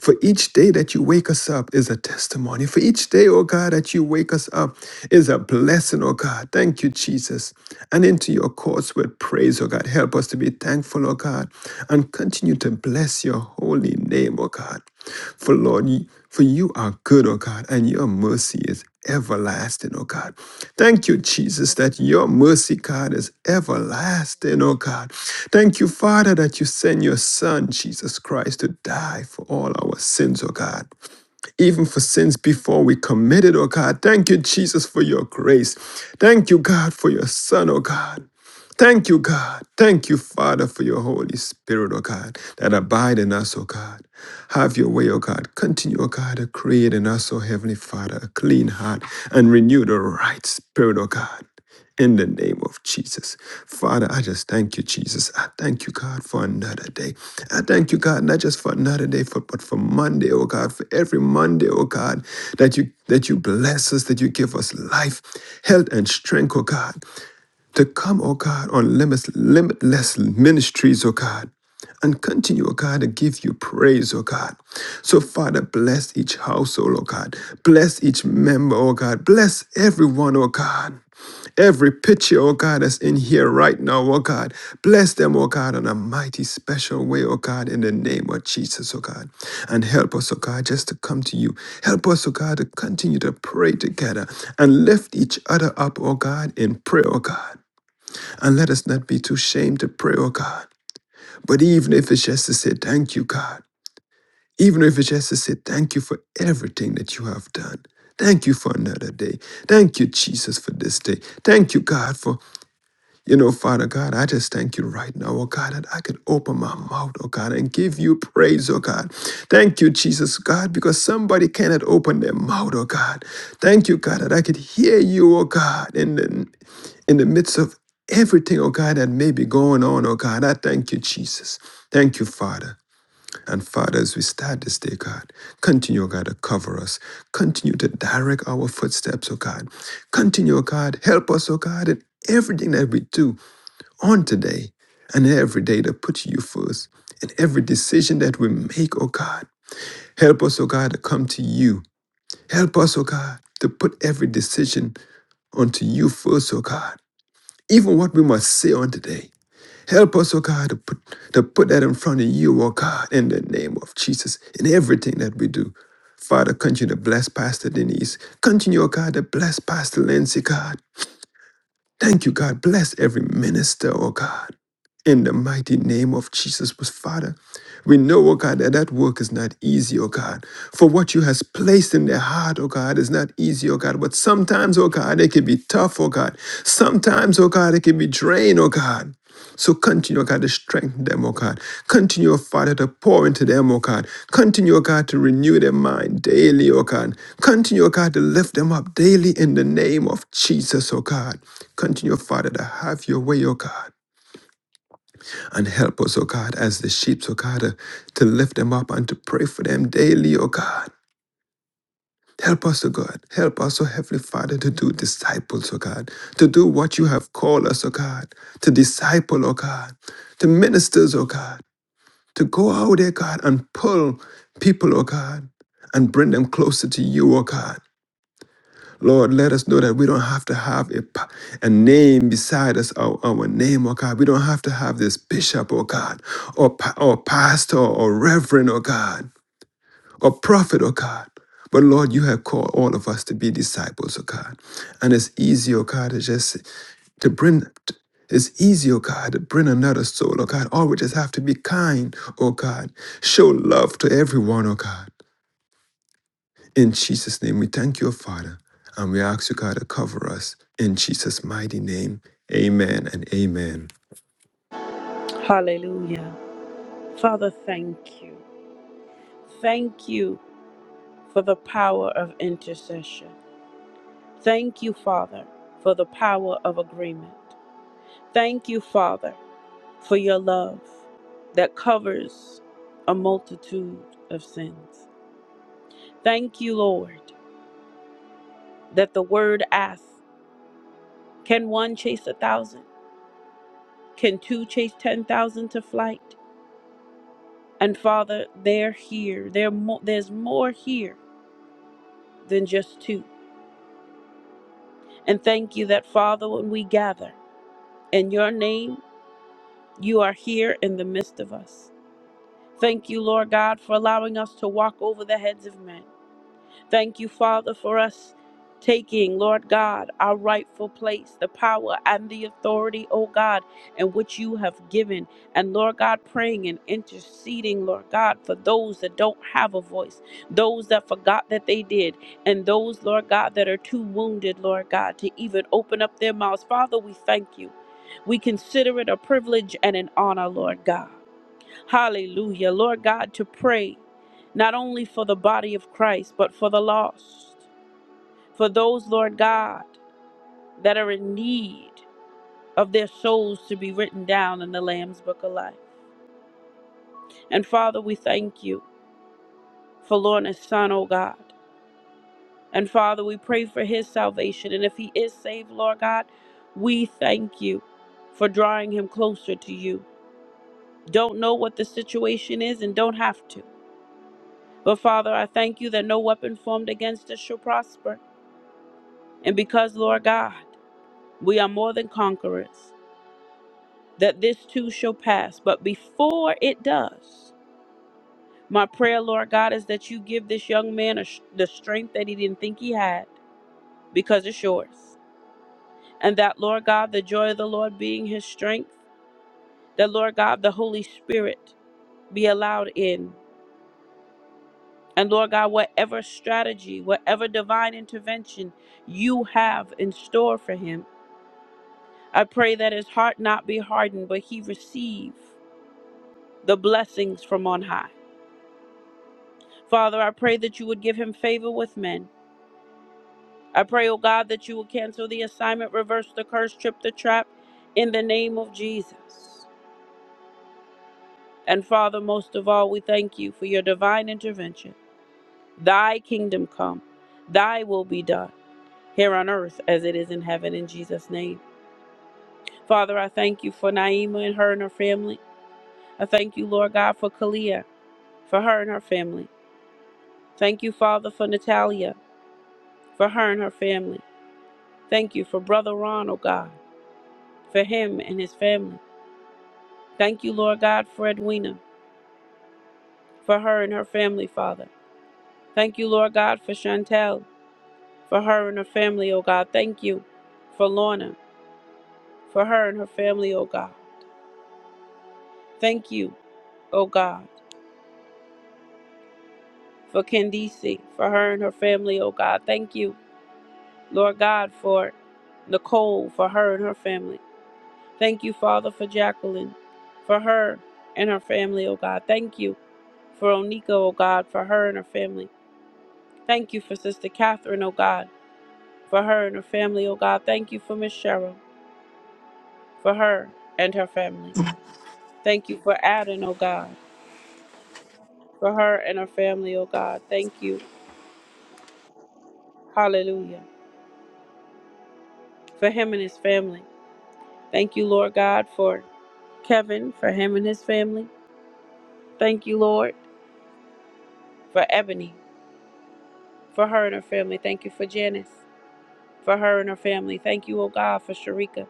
[SPEAKER 6] For each day that you wake us up is a testimony. For each day, oh God, that you wake us up is a blessing, oh God. Thank you, Jesus. And into your courts with praise, oh God. Help us to be thankful, oh God, and continue to bless your holy name, oh God. For Lord, you- for you are good, O God, and your mercy is everlasting, O God. Thank you, Jesus, that your mercy, God, is everlasting, O God. Thank you, Father, that you send your Son, Jesus Christ, to die for all our sins, O God. Even for sins before we committed, O God. Thank you, Jesus, for your grace. Thank you, God, for your Son, O God. Thank you, God. Thank you, Father, for your Holy Spirit, oh God, that abide in us, oh God. Have your way, oh God. Continue, oh God, to create in us, oh Heavenly Father, a clean heart and renew the right spirit, oh God. In the name of Jesus. Father, I just thank you, Jesus. I thank you, God, for another day. I thank you, God, not just for another day, for, but for Monday, oh God, for every Monday, oh God, that you that you bless us, that you give us life, health, and strength, oh God to come, oh God, on limitless, limitless ministries, oh God, and continue, oh God, to give you praise, oh God. So, Father, bless each household, oh God. Bless each member, oh God. Bless everyone, oh God. Every picture, oh God, that's in here right now, oh God. Bless them, oh God, in a mighty special way, oh God, in the name of Jesus, oh God. And help us, oh God, just to come to you. Help us, oh God, to continue to pray together and lift each other up, oh God, in prayer, oh God. And let us not be too ashamed to pray, oh God. But even if it's just to say, thank you, God. Even if it's just to say, thank you for everything that you have done. Thank you for another day. Thank you, Jesus, for this day. Thank you, God, for you know, Father God, I just thank you right now, oh God, that I could open my mouth, oh God, and give you praise, oh God. Thank you, Jesus, God, because somebody cannot open their mouth, oh God. Thank you, God, that I could hear you, oh God, in the, in the midst of everything, oh God, that may be going on, oh God. I thank you, Jesus. Thank you, Father. And Father, as we start this day, God, continue, oh God, to cover us. Continue to direct our footsteps, oh God. Continue, oh God, help us, oh God, in everything that we do on today and every day to put you first in every decision that we make, oh God. Help us, oh God, to come to you. Help us, oh God, to put every decision unto you first, oh God. Even what we must say on today. Help us, oh God, to put, to put that in front of you, oh God, in the name of Jesus, in everything that we do. Father, continue to bless Pastor Denise. Continue, oh God, to bless Pastor Lindsay, God. Thank you, God. Bless every minister, oh God. In the mighty name of Jesus, was Father, we know, oh God, that that work is not easy, oh God. For what you has placed in their heart, oh God, is not easy, oh God. But sometimes, oh God, it can be tough, oh God. Sometimes, oh God, it can be drained, oh God. So continue, O God, to strengthen them, O God. Continue, O Father, to pour into them, O God. Continue, O God, to renew their mind daily, O God. Continue, O God, to lift them up daily in the name of Jesus, O God. Continue, O Father, to have your way, O God. And help us, O God, as the sheep, O God, to, to lift them up and to pray for them daily, O God. Help us, O God. Help us, O Heavenly Father, to do disciples, O God. To do what you have called us, O God. To disciple, O God. To ministers, O God. to go out there, God, and pull people, oh God, and bring them closer to you, oh God. Lord, let us know that we don't have to have a, pa- a name beside us, our, our name, oh God. We don't have to have this bishop, oh God, or, pa- or pastor, or reverend, oh God. Or prophet, oh God. But Lord, you have called all of us to be disciples, oh God. And it's easy, oh God, to just to bring it's easy, oh God, to bring another soul, oh God. All we just have to be kind, oh God. Show love to everyone, oh God. In Jesus' name, we thank you, oh Father. And we ask you, God, to cover us. In Jesus' mighty name. Amen and amen.
[SPEAKER 1] Hallelujah. Father, thank you. Thank you for the power of intercession. Thank you, Father, for the power of agreement. Thank you, Father, for your love that covers a multitude of sins. Thank you, Lord that the word asks Can one chase a thousand? Can two chase 10,000 to flight? And Father, they're here. They're mo- there's more here than just two. And thank you that, Father, when we gather in your name, you are here in the midst of us. Thank you, Lord God, for allowing us to walk over the heads of men. Thank you, Father, for us taking, Lord God, our rightful place, the power and the authority, oh God, and which you have given. And Lord God, praying and interceding, Lord God, for those that don't have a voice, those that forgot that they did, and those, Lord God, that are too wounded, Lord God, to even open up their mouths. Father, we thank you. We consider it a privilege and an honor, Lord God. Hallelujah. Lord God, to pray not only for the body of Christ, but for the lost, for those, Lord God, that are in need of their souls to be written down in the Lamb's Book of Life. And Father, we thank you for Lorna's son, oh God. And Father, we pray for his salvation. And if he is saved, Lord God, we thank you for drawing him closer to you. Don't know what the situation is and don't have to. But Father, I thank you that no weapon formed against us shall prosper. And because, Lord God, we are more than conquerors, that this too shall pass. But before it does, my prayer, Lord God, is that you give this young man a, sh- the strength that he didn't think he had, because it's yours. And that, Lord God, the joy of the Lord being his strength, that, Lord God, the Holy Spirit be allowed in. And Lord God, whatever strategy, whatever divine intervention you have in store for him, I pray that his heart not be hardened, but he receive the blessings from on high. Father, I pray that you would give him favor with men. I pray, oh God, that you will cancel the assignment, reverse the curse, trip the trap in the name of Jesus. And Father, most of all, we thank you for your divine intervention. Thy kingdom come, thy will be done here on earth as it is in heaven in Jesus' name. Father, I thank you for Naima and her and her family. I thank you, Lord God, for Kalia, for her and her family. Thank you, Father, for Natalia, for her and her family. Thank you for Brother Ron, oh God, for him and his family. Thank you, Lord God, for Edwina, for her and her family, Father. Thank you, Lord God, for Chantel, for her and her family, oh God. Thank you for Lorna, for her and her family, oh God. Thank you, oh God, for Candice, for her and her family, oh God. Thank you, Lord God, for Nicole, for her and her family. Thank you, Father, for Jacqueline, for her and her family, oh God. Thank you for Onika, oh God, for her and her family. Thank you for Sister Catherine, oh God, for her and her family, oh God. Thank you for Miss Cheryl, for her and her family. Thank you for Adam, oh God, for her and her family, oh God. Thank you, hallelujah, for him and his family. Thank you, Lord God, for Kevin, for him and his family. Thank you, Lord, for Ebony, for her and her family. Thank you for Janice. for her and her family. Thank you, oh God, for Sharika,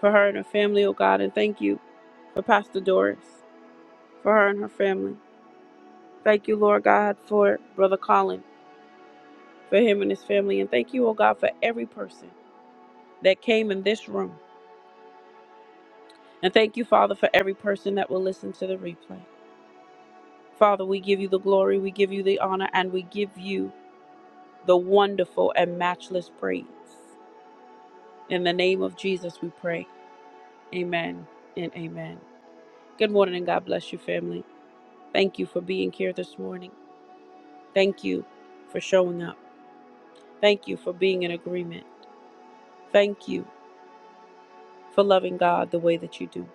[SPEAKER 1] for her and her family, oh God. And thank you for Pastor Doris, for her and her family. Thank you, Lord God, for Brother Colin, for him and his family. And thank you, oh God, for every person that came in this room. And thank you, Father, for every person that will listen to the replay. Father, we give you the glory, we give you the honor, and we give you the wonderful and matchless praise. In the name of Jesus, we pray. Amen and amen. Good morning and God bless you, family. Thank you for being here this morning. Thank you for showing up. Thank you for being in agreement. Thank you for loving God the way that you do.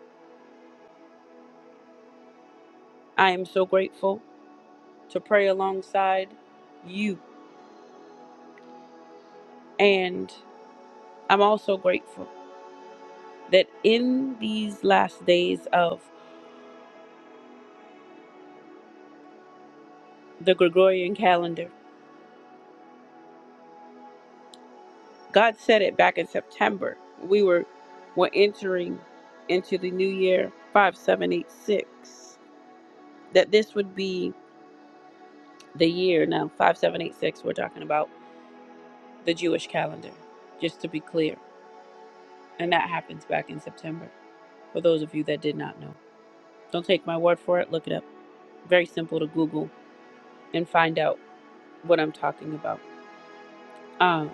[SPEAKER 1] I am so grateful to pray alongside you. And I'm also grateful that in these last days of the Gregorian calendar, God said it back in September. We were were entering into the new year 5786 that this would be the year now 5786 we're talking about the jewish calendar just to be clear and that happens back in september for those of you that did not know don't take my word for it look it up very simple to google and find out what i'm talking about um,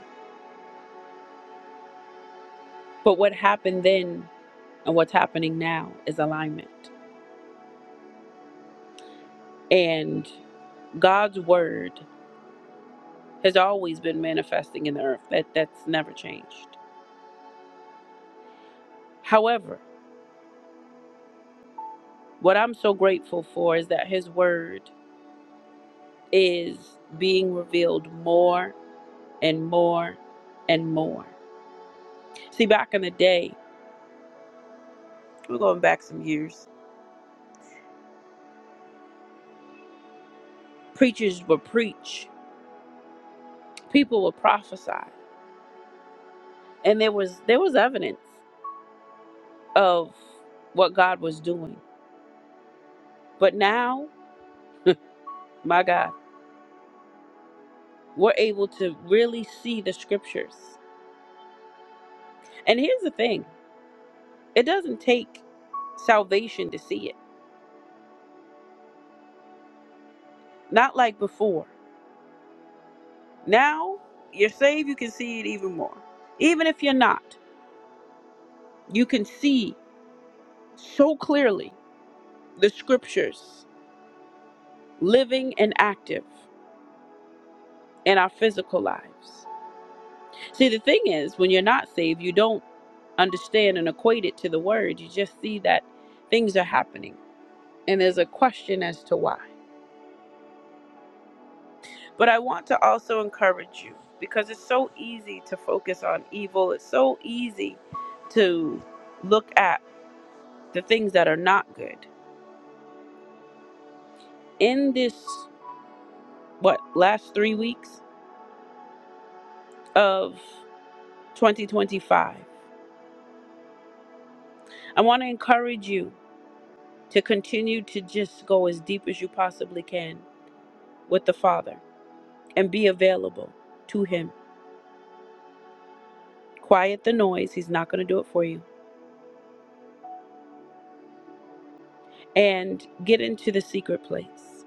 [SPEAKER 1] but what happened then and what's happening now is alignment and god's word has always been manifesting in the earth that that's never changed however what i'm so grateful for is that his word is being revealed more and more and more. See, back in the day, we're going back some years. Preachers would preach, people would prophesy, and there was there was evidence of what God was doing. But now, my God, we're able to really see the scriptures. And here's the thing: it doesn't take salvation to see it. Not like before. Now you're saved, you can see it even more. Even if you're not. You can see so clearly the scriptures living and active in our physical lives. See, the thing is, when you're not saved, you don't understand and equate it to the word. You just see that things are happening and there's a question as to why. But I want to also encourage you because it's so easy to focus on evil, it's so easy to look at the things that are not good. In this, what, last three weeks of 2025. I want to encourage you to continue to just go as deep as you possibly can with the Father and be available to Him. Quiet the noise, He's not going to do it for you. And get into the secret place.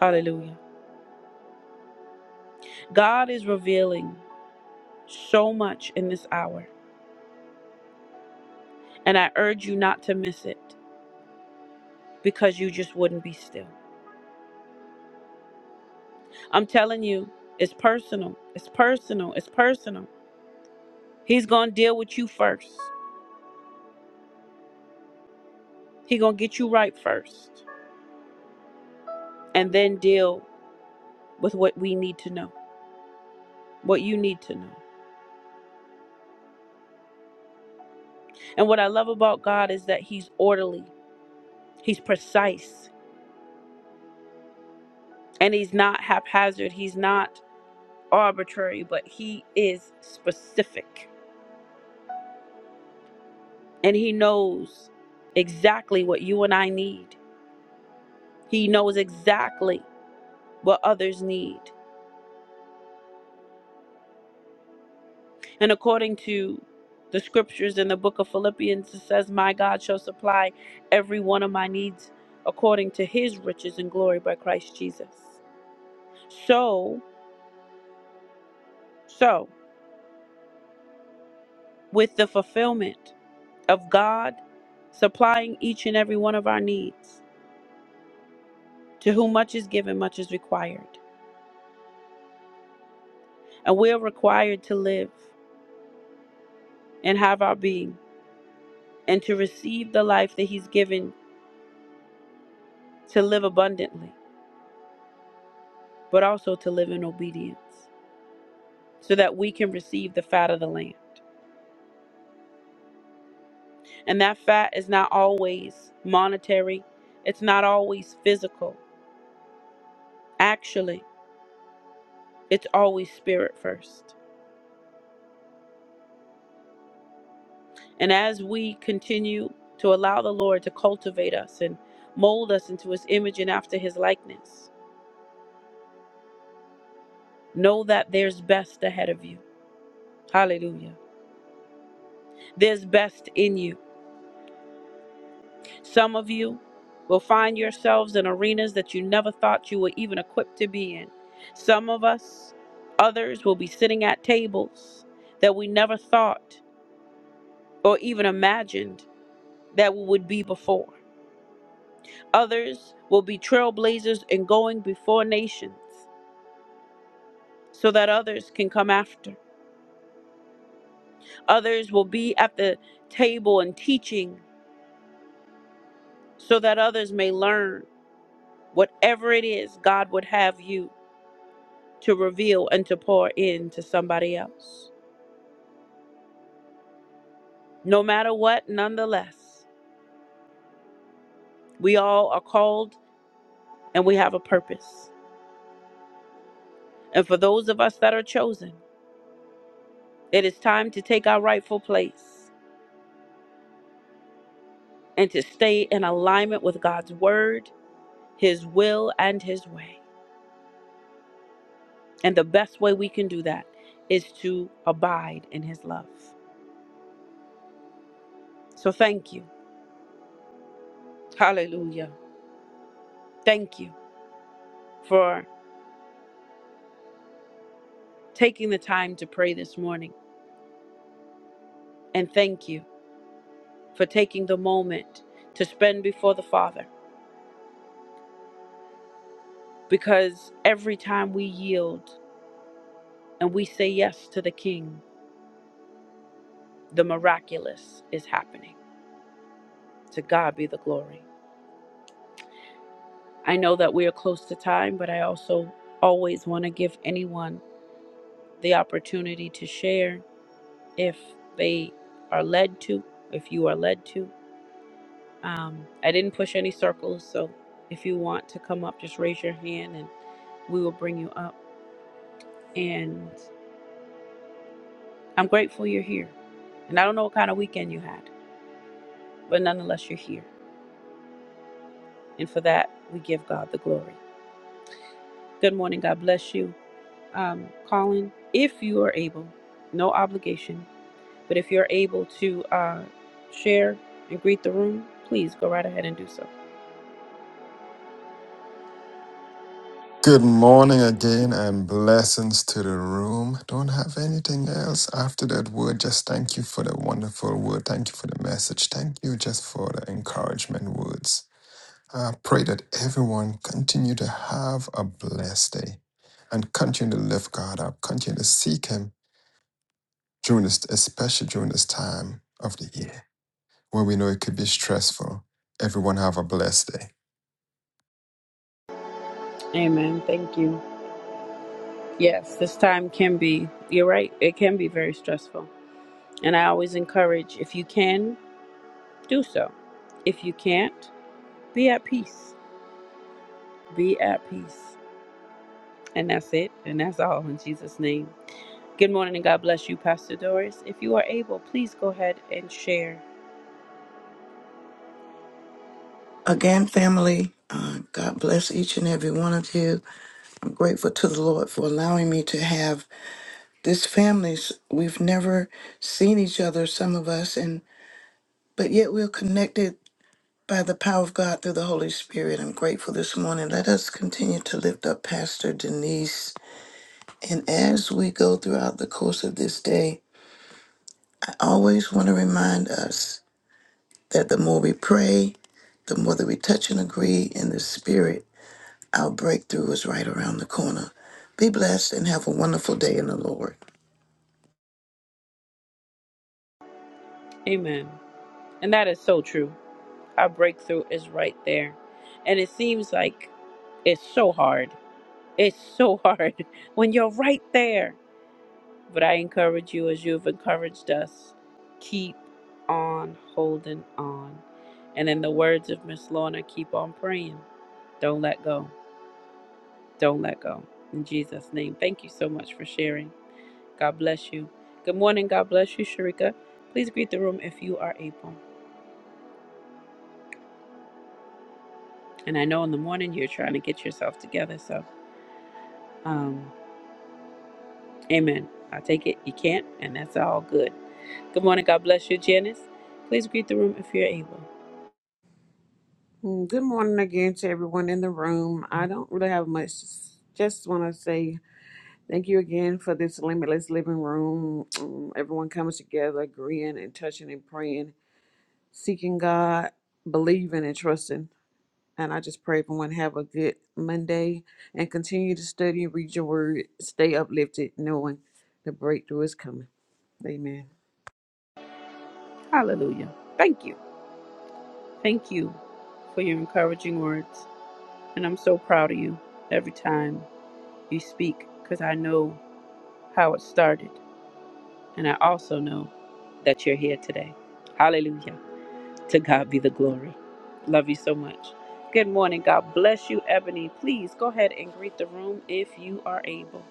[SPEAKER 1] Hallelujah. God is revealing so much in this hour, and I urge you not to miss it because you just wouldn't be still. I'm telling you, it's personal. It's personal. It's personal. He's going to deal with you first. He gonna get you right first, and then deal with what we need to know, what you need to know. And what I love about God is that He's orderly, He's precise, and He's not haphazard. He's not arbitrary, but He is specific, and He knows exactly what you and I need. He knows exactly what others need. And according to the scriptures in the book of Philippians, it says, My God shall supply every one of my needs according to his riches and glory by Christ Jesus. So, so, with the fulfillment of God supplying each and every one of our needs, to whom much is given, much is required. And we are required to live and have our being and to receive the life that he's given to live abundantly, but also to live in obedience. so that we can receive the fat of the land. And that fat is not always monetary, it's not always physical. Actually, it's always spirit first. And as we continue to allow the Lord to cultivate us and mold us into his image and after his likeness, know that there's best ahead of you. Hallelujah. There's best in you. Some of you will find yourselves in arenas that you never thought you were even equipped to be in. Some of us, others, will be sitting at tables that we never thought or even imagined that we would be before. Others will be trailblazers and going before nations so that others can come after. Others will be at the table and teaching so that others may learn whatever it is God would have you. to reveal and to pour in to somebody else. No matter what, nonetheless, we all are called and we have a purpose. And for those of us that are chosen, it is time to take our rightful place and to stay in alignment with God's word, his will, and his way. And the best way we can do that is to abide in his love. So thank you. Hallelujah. Thank you for taking the time to pray this morning. And thank you. for taking the moment to spend before the Father. Because every time we yield and we say yes to the King, the miraculous is happening. To God be the glory. I know that we are close to time, but I also always want to give anyone the opportunity to share if they are led to, if you are led to. Um, I didn't push any circles, so if you want to come up, just raise your hand and we will bring you up. and. I'm grateful you're here. And I don't know what kind of weekend you had, but nonetheless, you're here. And for that, we give God the glory. Good morning. God bless you. Um, Colin, if you are able, no obligation, but if you're able to uh, share and greet the room, please go right ahead and do so.
[SPEAKER 6] Good morning again and blessings to the room. Don't have anything else after that word. Just thank you for the wonderful word. Thank you for the message. Thank you just for the encouragement words. I pray that everyone continue to have a blessed day and continue to lift God up, continue to seek Him during this, especially during this time of the year where we know it could be stressful. Everyone have a blessed day.
[SPEAKER 1] Amen. Thank you. Yes, this time can be, you're right, it can be very stressful. And I always encourage, if you can, do so. If you can't, be at peace. Be at peace. And that's it. And that's all in Jesus' name. Good morning and God bless you, Pastor Doris. If you are able, please go ahead and share.
[SPEAKER 5] Again, family, uh, God bless each and every one of you. I'm grateful to the Lord for allowing me to have this family. S- We've never seen each other, some of us, and but yet we're connected by the power of God through the Holy Spirit. I'm grateful this morning. Let us continue to lift up Pastor Denise. And as we go throughout the course of this day, I always want to remind us that the more we pray, the more that we touch and agree in the spirit, our breakthrough is right around the corner. Be blessed and have a wonderful day in the Lord.
[SPEAKER 1] Amen. And that is so true. Our breakthrough is right there. And it seems like it's so hard. It's so hard when you're right there. But I encourage you, as you have encouraged us, keep on holding on. And in the words of Miss Lorna, keep on praying. Don't let go. Don't let go. In Jesus' name. Thank you so much for sharing. God bless you. Good morning. God bless you, Sharika. Please greet the room if you are able. And I know in the morning you're trying to get yourself together. So, um, amen. I take it. You can't, and that's all good. Good morning. God bless you, Janice. Please greet the room if you're able.
[SPEAKER 3] Mm, Good morning again to everyone in the room. I don't really have much. Just want to say Thank you again for this limitless living room. Um, everyone coming together, agreeing and touching and praying, seeking God, believing and trusting. And I just pray everyone have a good Monday and continue to study and read your word. Stay uplifted, knowing the breakthrough is coming. Amen.
[SPEAKER 1] Hallelujah. Thank you. Thank you for your encouraging words. And I'm so proud of you every time you speak because I know how it started. And I also know that you're here today. Hallelujah. To God be the glory. Love you so much. Good morning. God bless you, Ebony. Please go ahead and greet the room if you are able.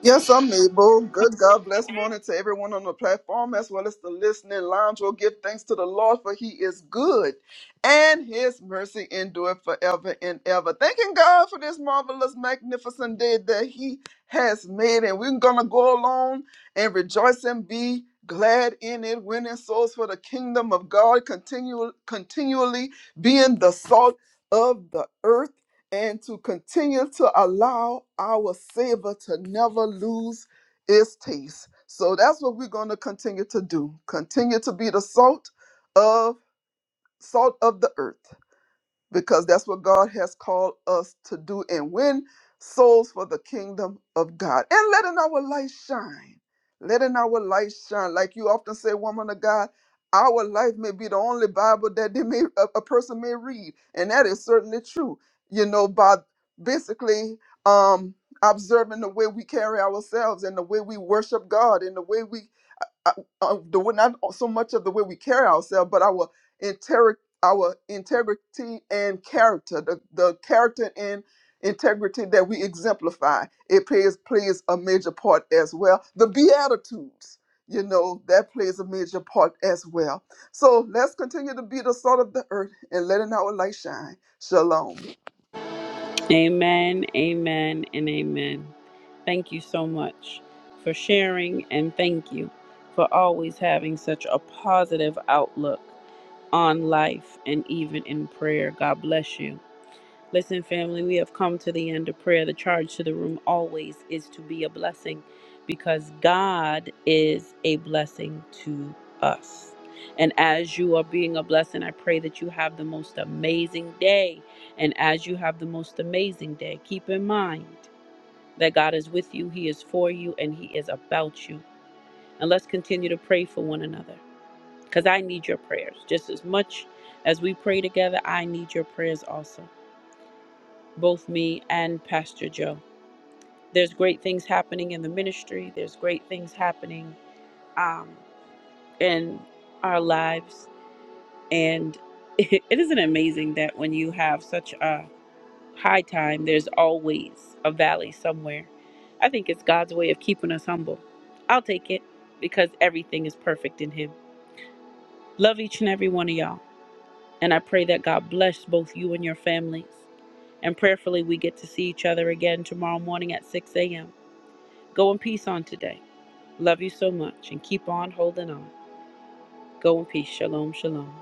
[SPEAKER 2] Yes, I'm able. Good God bless morning to everyone on the platform as well as the listening lounge. We'll give thanks to the Lord for he is good and his mercy endureth forever and ever. Thanking God for this marvelous, magnificent day that he has made. And we're going to go along and rejoice and be glad in it, winning souls for the kingdom of God, continue, continually being the salt of the earth and to continue to allow our savor to never lose its taste. So that's what we're going to continue to do. Continue to be the salt of salt of the earth because that's what God has called us to do and win souls for the kingdom of God. And letting our light shine. Letting our light shine. Like you often say, woman of God, our life may be the only Bible that they may a, a person may read. And that is certainly true. You know, by basically um observing the way we carry ourselves and the way we worship God and the way we uh, uh, the way not so much of the way we carry ourselves, but our integ our integrity and character, the, the character and integrity that we exemplify, it plays plays a major part as well. The beatitudes, you know, that plays a major part as well. So let's continue to be the salt of the earth and letting our light shine. Shalom.
[SPEAKER 1] Amen, amen, and amen. Thank you so much for sharing, and thank you for always having such a positive outlook on life and even in prayer. God bless you. Listen, family, we have come to the end of prayer. The charge to the room always is to be a blessing because God is a blessing to us. And as you are being a blessing, I pray that you have the most amazing day. And as you have the most amazing day, keep in mind that God is with you, He is for you, and He is about you. And let's continue to pray for one another because I need your prayers just as much as we pray together. I need your prayers also both me and Pastor Joe. There's great things happening in the ministry, there's great things happening um, in our lives. And it it isn't amazing that when you have such a high time, there's always a valley somewhere. I think it's God's way of keeping us humble. I'll take it because everything is perfect in Him. Love each and every one of y'all. And I pray that God bless both you and your families. And prayerfully, we get to see each other again tomorrow morning at 6 a.m. Go in peace on today. Love you so much and keep on holding on. Go in peace. Shalom, shalom.